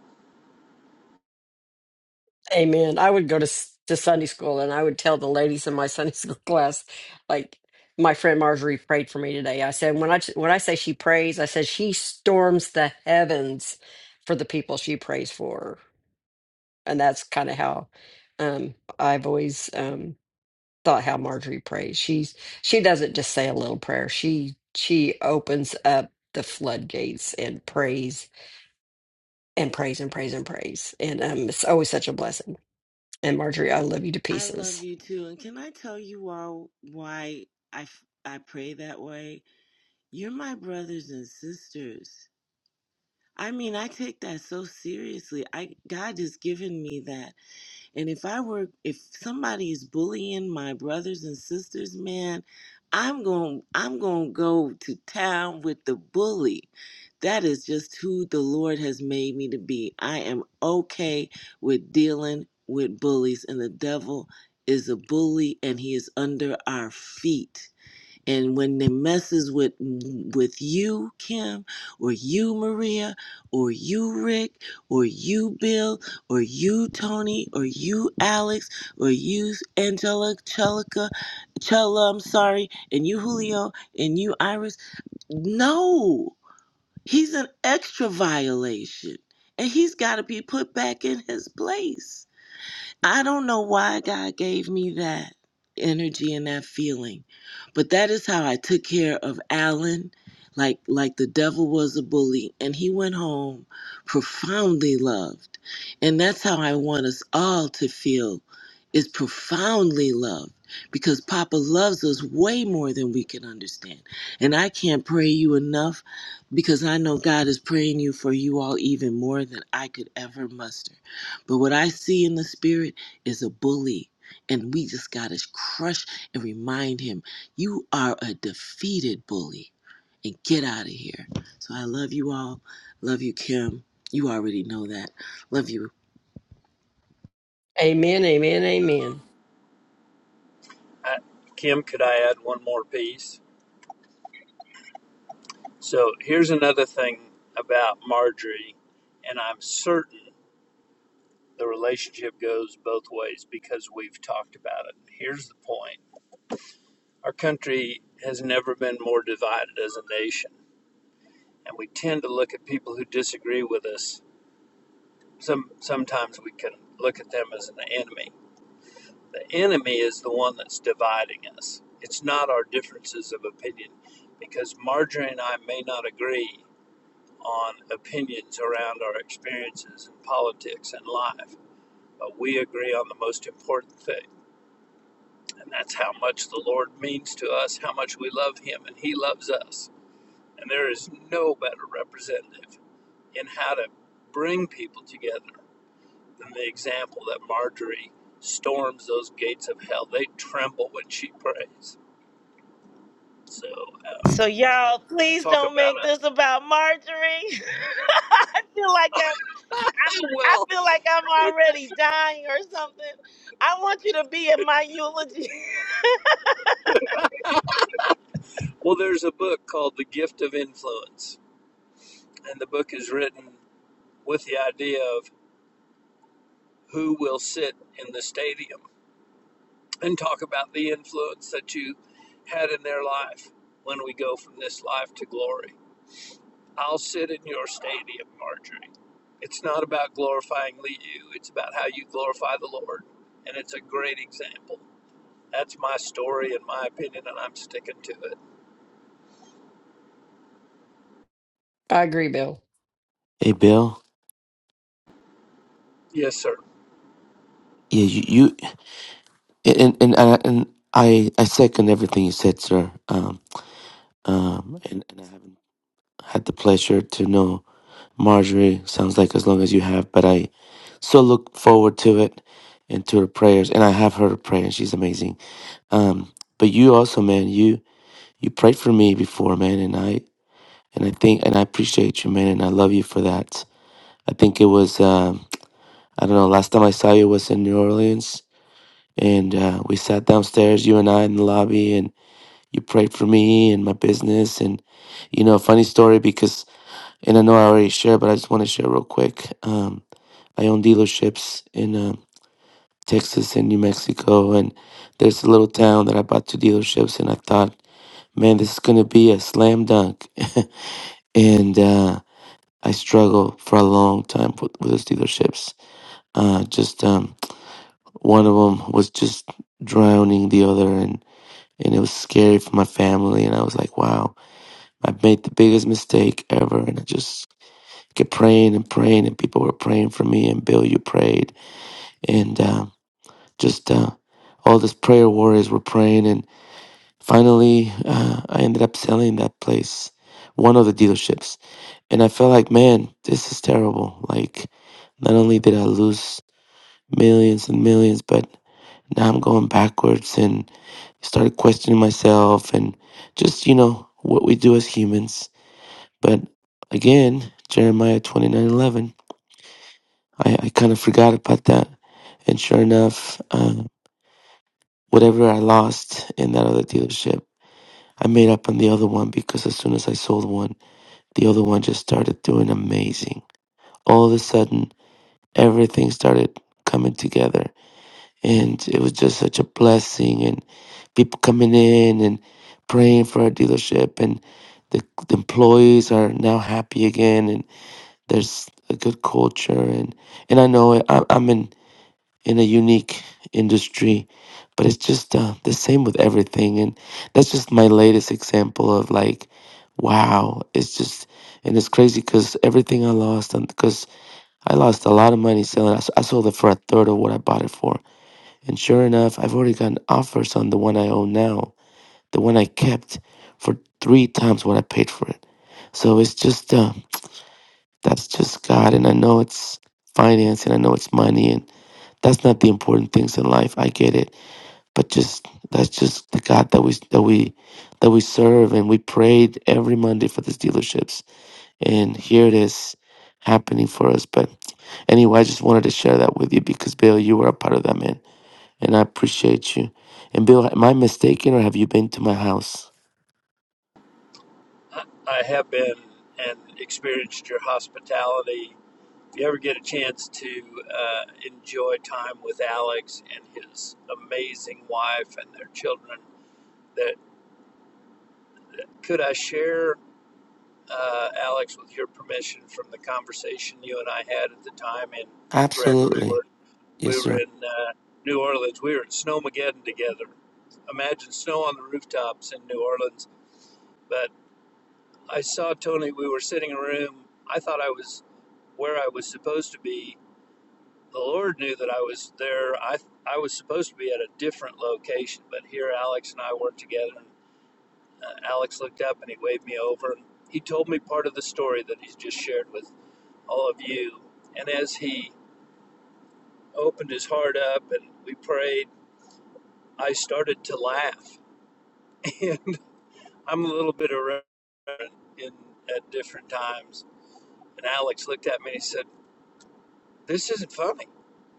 Amen. I would go to s- to Sunday school and I would tell the ladies in my Sunday school class, like my friend Marjorie prayed for me today. I said when I t- when I say she prays, I said she storms the heavens for the people she prays for. and that's kind of how um I've always um thought how Marjorie prays. She's she doesn't just say a little prayer. She she opens up the floodgates and prays and prays and prays and prays. And um it's always such a blessing. And Marjorie, I love you to I love pieces. you too. And can I tell you all why I, f- I pray that way? You're my brothers and sisters. I mean, I take that so seriously. I God has given me that. And if I were, if somebody is bullying my brothers and sisters, man, I'm going, I'm going to go to town with the bully. That is just who the Lord has made me to be. I am okay with dealing with bullies, and the devil is a bully, and he is under our feet and when they messes with with you kim or you maria or you rick or you bill or you tony or you alex or you angelica chelica chella i'm sorry and you julio and you iris no he's an extra violation and he's got to be put back in his place I don't know why God gave me that energy and that feeling, but that is how I took care of Alan, like like the devil was a bully, and he went home profoundly loved, and that's how I want us all to feel, is profoundly loved. Because Papa loves us way more than we can understand. And I can't pray you enough because I know God is praying you for you all even more than I could ever muster. But what I see in the spirit is a bully. And we just got to crush and remind him, you are a defeated bully. And get out of here. So I love you all. Love you, Kim. You already know that. Love you. Amen, amen, amen. I, kim could i add one more piece So here's another thing about Marjorie, and I'm certain the relationship goes both ways because we've talked about it. Here's the point our country has never been more divided as a nation, and we tend to look at people who disagree with us. Some, sometimes we can look at them as an enemy. The enemy is the one that's dividing us, it's not our differences of opinion because Marjorie and I may not agree. on opinions around our experiences in politics and life, but we agree on the most important thing, and that's how much the Lord means to us, how much we love Him, and He loves us. And there is no better representative in how to bring people together than the example that Marjorie storms those gates of hell. They tremble when she prays. So, uh, So y'all, please talk don't about make it. this about Marjorie. I feel like I'm, I'm Oh, I well, feel like I'm it, already dying or something. I want you to be in my eulogy. well, there's a book called The Gift of Influence, and the book is written. with the idea of who will sit in the stadium and talk about the influence that you had in their life when we go from this life to glory. I'll sit in your stadium, Marjorie. It's not about glorifying you, it's about how you glorify the Lord. And it's a great example. That's my story and my opinion, and I'm sticking to it. I agree, Bill. Hey, Bill. Yes, sir. Yeah, you, you And and and I, and I I second everything you said, sir. Um, um, and, and I haven't had the pleasure to know Marjorie. Sounds like as long as you have, but I so look forward to it and to her prayers. And I have heard her prayer, and she's amazing. Um, but you also, man, you you prayed for me before, man, and I and I think and I appreciate you, man, and I love you for that. I think it was um, I don't know. Last time I saw you was in New Orleans, and uh, we sat downstairs, you and I, in the lobby, and you prayed for me and my business. And, you know, funny story because, and I know I already shared, but I just want to share real quick. Um, I own dealerships in uh, Texas and New Mexico. And there's a little town that I bought two dealerships. And I thought, man, this is going to be a slam dunk. and uh, I struggled for a long time with, with those dealerships. Uh, just um, one of them was just drowning the other. And, and it was scary for my family. And I was like, wow I made the biggest mistake ever, and I just kept praying and praying, and people were praying for me, and Bill, you prayed, and um just uh, all these prayer warriors were praying, and finally, uh, I ended up selling that place, one of the dealerships, and I felt like, man, this is terrible. Like, not only did I lose millions and millions, but now I'm going backwards, and started questioning myself, and just you know what we do as humans But again, Jeremiah twenty nine eleven, I, I kind of forgot about that. And sure enough, uh, whatever I lost in that other dealership, I made up on the other one because as soon as I sold one, the other one just started doing amazing. All of a sudden, everything started coming together. And it was just such a blessing, and people coming in and praying for our dealership, and the, the employees are now happy again. and. There's a good culture, and and I know I, I'm in in a unique industry, but it's just uh, the same with everything, and that's just my latest example of like, wow, it's just and it's crazy because everything I lost, and because I lost a lot of money selling, I, s- I sold it for a third of what I bought it for, and sure enough, I've already gotten offers on the one I own now, the one I kept, for three times what I paid for it. So it's just uh, that's just God. And I know it's finance and I know it's money and that's not the important things in life. I get it. But just that's just the God that we that we that we serve and we prayed every Monday for these dealerships. And here it is happening for us. But anyway, I just wanted to share that with you because Bill, you were a part of that man. And I appreciate you. And Bill, am I mistaken or have you been to my house? I have been and experienced your hospitality If you ever get a chance to uh, enjoy time with Alex and his amazing wife and their children, that could I share, uh, Alex, with your permission, from the conversation you and I had at the time? And you're correct, we Absolutely. were Yes, we were sir. in uh, New Orleans. We were at Snowmageddon together. Imagine snow on the rooftops in New Orleans. But I saw Tony. We were sitting in a room. I thought I was where I was supposed to be the Lord knew that I was there. I I was supposed to be at a different location, but here Alex and I worked together. And, uh, Alex looked up and he waved me over. he told me part of the story that he's just shared with all of you. And as he opened his heart up and we prayed, I started to laugh. And I'm a little bit irreverent in at different times. And Alex looked at me and he said. this isn't funny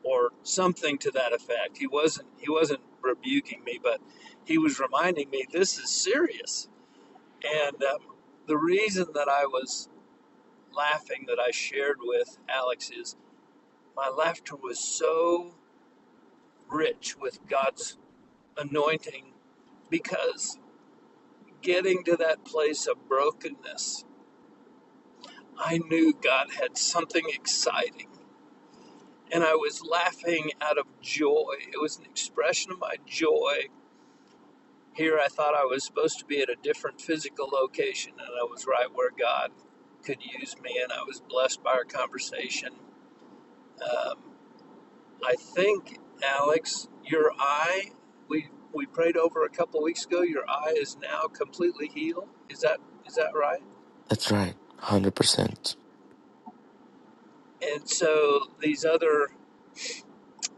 or something to that effect he wasn't he wasn't rebuking me but he was reminding me this is serious and um, the reason that i was laughing that i shared with alex is my laughter was so rich with god's anointing because getting to that place of brokenness i knew god had something exciting and i was laughing out of joy it was an expression of my joy Here I thought I was supposed to be at a different physical location, and I was right where God could use me, and I was blessed by our conversation. Um, I think, Alex, your eye, we, we prayed over a couple weeks ago, your eye is now completely healed. Is that, is that right? That's right. one hundred percent. And so these other,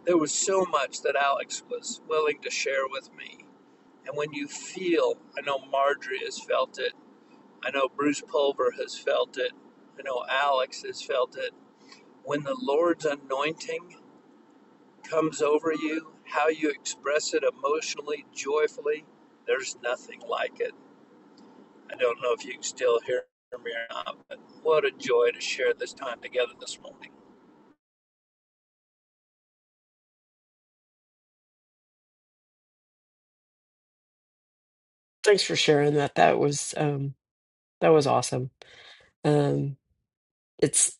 there was so much that Alex was willing to share with me. And when you feel, I know Marjorie has felt it I know Bruce Pulver has felt it. I know Alex has felt it. When the Lord's anointing comes over you, how you express it emotionally, joyfully, there's nothing like it. I don't know if you can still hear me or not, but what a joy to share this time together this morning. Thanks for sharing that. That was um that was awesome. Um it's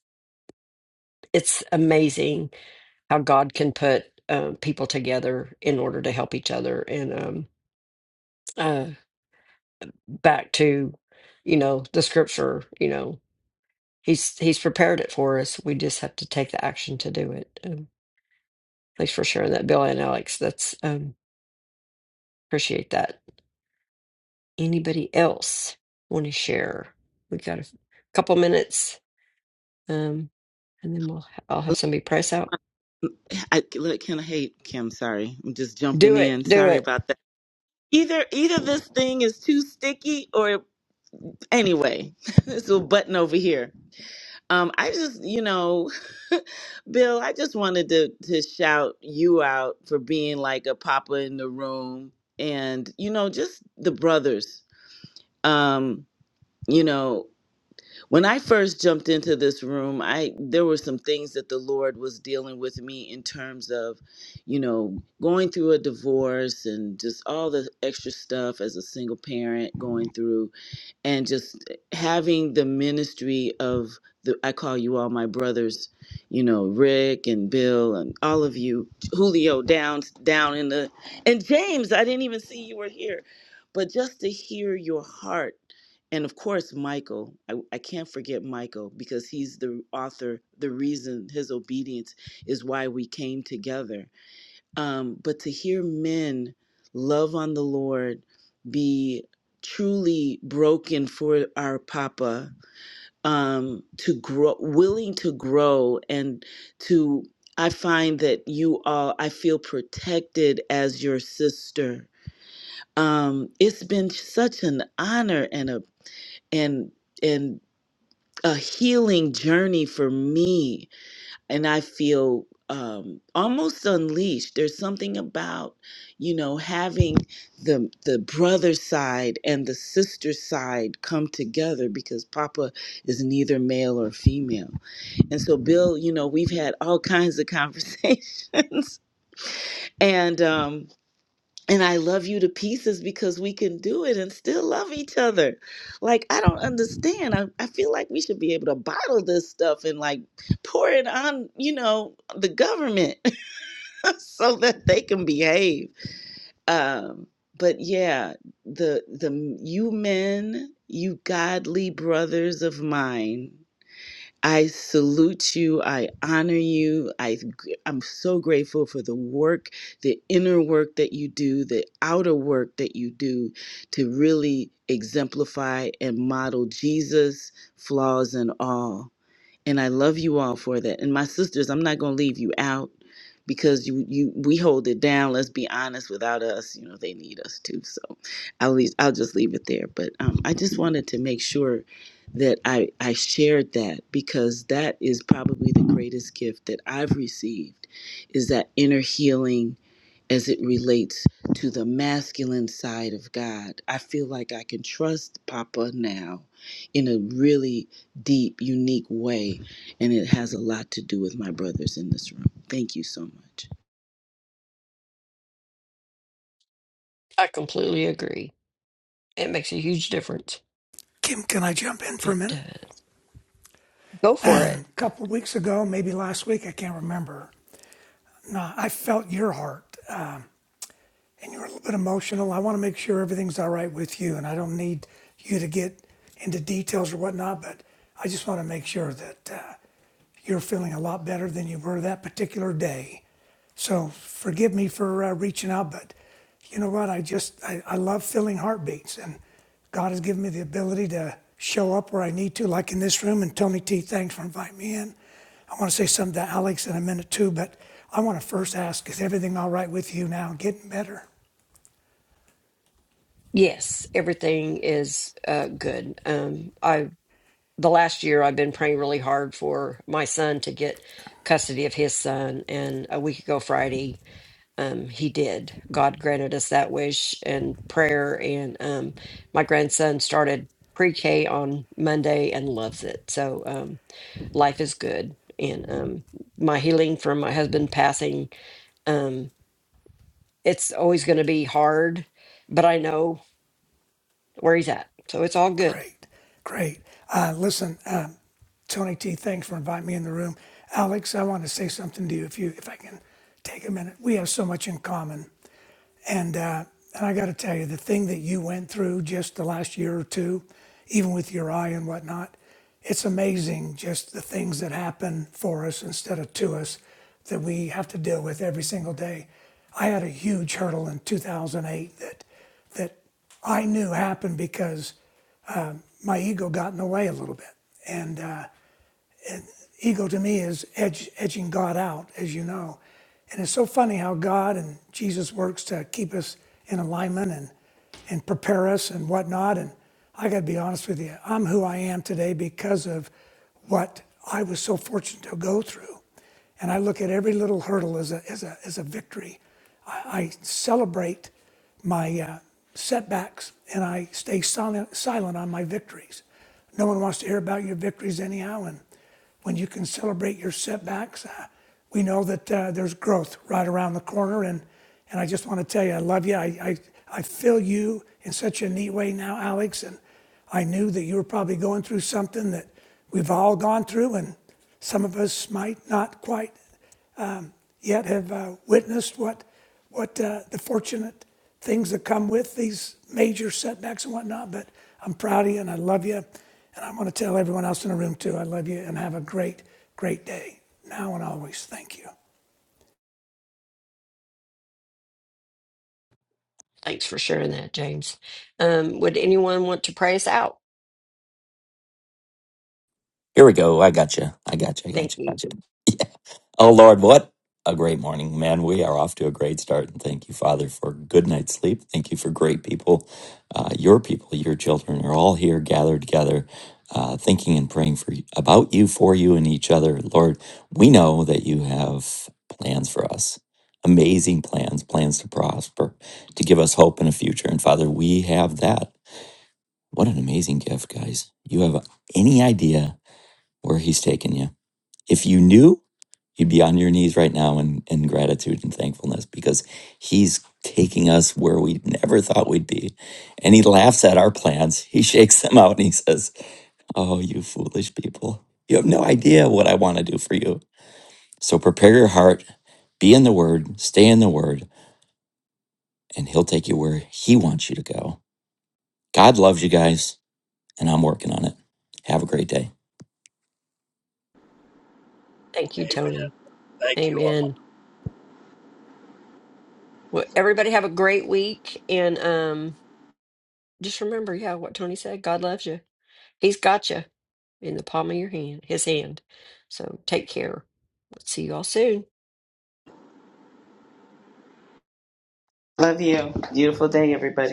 it's amazing how God can put um people together in order to help each other and um uh back to you know the scripture, you know, he's he's prepared it for us. We just have to take the action to do it. Um, thanks for sharing that, Bill and Alex. That's um appreciate that. Anybody else want to share? We got a couple minutes um and then we'll I'll have somebody press out. I look, can of hate Kim. Sorry. I'm just Do jumping it. in. Do Sorry it. about that. Either either this thing is too sticky or anyway, this little button over here. Um, I just you know, Bill, I just wanted to to shout you out for being like a papa in the room, and you know, just the brothers. Um, you know when I first jumped into this room, I there were some things that the Lord was dealing with me in terms of, you know, going through a divorce and just all the extra stuff as a single parent going through and just having the ministry of the I call you all my brothers, you know, Rick and Bill and all of you, Julio down down in the and James, I didn't even see you were here. But just to hear your heart and of course Michael, I, I can't forget Michael because he's the author, the reason his obedience is why we came together um, but to hear men love on the Lord, be truly broken for our Papa, um, to grow, willing to grow, and to I find that you all, I feel protected as your sister. Um, it's been such an honor and a and and a healing journey for me and I feel um, almost unleashed. There's something about, you know, having the the brother side and the sister side come together because Papa is neither male or female. And so, Bill, you know, we've had all kinds of conversations, and um, and I love you to pieces because we can do it and still love each other. Like, I don't understand. I, I feel like we should be able to bottle this stuff and like pour it on, you know, the government so that they can behave. Um, but yeah, the the you men, you godly brothers of mine, I salute you. I honor you. I, I'm so grateful for the work, the inner work that you do, the outer work that you do to really exemplify and model Jesus, flaws and all and I love you all for that. And my sisters, I'm not going to leave you out because you you we hold it down. Let's be honest. Without us, you know, they need us too. So I'll leave, I'll just leave it there. But um, I just wanted to make sure that I I shared that because that is probably the greatest gift that I've received is that inner healing as it relates to the masculine side of God. I feel like I can trust Papa now in a really deep, unique way. And it has a lot to do with my brothers in this room. Thank you so much. I completely agree. It makes a huge difference. Kim, can I jump in for a It minute? does. Go for it. A couple of weeks ago, maybe last week, I can't remember. No, I felt your heart, uh, and you were a little bit emotional. I want to make sure everything's all right with you, and I don't need you to get into details or whatnot, but I just want to make sure that uh, you're feeling a lot better than you were that particular day. So forgive me for uh, reaching out, but you know what? I just, I, I love feeling heartbeats, and God has given me the ability to show up where I need to, like in this room. And Tony T, thanks for inviting me in. I want to say something to Alex in a minute too, but I want to first ask is everything all right with you now? Getting better? Yes, everything is uh, good. Um, I the last year I've been praying really hard for my son to get custody of his son, and a week ago Friday. um, he did. God granted us that wish and prayer. And um, my grandson started pre K on Monday and loves it. So um, life is good. And um, my healing from my husband passing, um, it's always going to be hard, but I know where he's at. So it's all good. Great, great. Uh, listen, um, Tony T, thanks for inviting me in the room. Alex, I want to say something to you if you if I can take a minute. We have so much in common, and uh, and I got to tell you, the thing that you went through just the last year or two, even with your eye and whatnot, it's amazing just the things that happen for us instead of to us that we have to deal with every single day. I had a huge hurdle in 2008 that that I knew happened because my ego got in the way a little bit. And uh, ego to me is edge, edging God out, as you know. And it's so funny how God and Jesus works to keep us in alignment and, and prepare us and whatnot. And I got to be honest with you, I'm who I am today because of what I was so fortunate to go through. And I look at every little hurdle as a, as a, as a victory. I, I celebrate my uh, setbacks and I stay silent, silent on my victories. No one wants to hear about your victories anyhow. And when you can celebrate your setbacks, uh, we know that uh, there's growth right around the corner. And, and I just want to tell you, I love you. I, I, I feel you in such a neat way now, Alex. And I knew that you were probably going through something that we've all gone through, and some of us might not quite yet have uh, witnessed what what uh, the fortunate things that come with these major setbacks and whatnot. But I'm proud of you, and I love you, and I want to tell everyone else in the room too. I love you, and have a great, great day now and always. Thank you. Thanks for sharing that, James. Um, would anyone want to pray us out? Here we go. I got you. I got you. I got Thank you. you. Got you. Yeah. Oh Lord, what a great morning, man. We are off to a great start, and thank you, Father, for a good night's sleep. Thank you for great people. Uh, your people, your children are all here gathered together, uh, thinking and praying for you, about you, for you, and each other. Lord, we know that you have plans for us. Amazing plans, plans to prosper, to give us hope and a future. And Father, we have that. What an amazing gift, guys. You have any idea where he's taken you. If you knew, you'd be on your knees right now in, in gratitude and thankfulness because he's taking us where we never thought we'd be. And he laughs at our plans. He shakes them out and he says, Oh, you foolish people. You have no idea what I want to do for you. So prepare your heart, be in the word, stay in the word, and he'll take you where he wants you to go. God loves you guys, and I'm working on it. Have a great day. Thank you, Amen. Tony. Thank you all. Amen. Well, everybody have a great week. And, um, Just remember, yeah, what Tony said. God loves you. He's got you in the palm of your hand, his hand. So take care. Let's See you all soon. Love you. Beautiful day, everybody.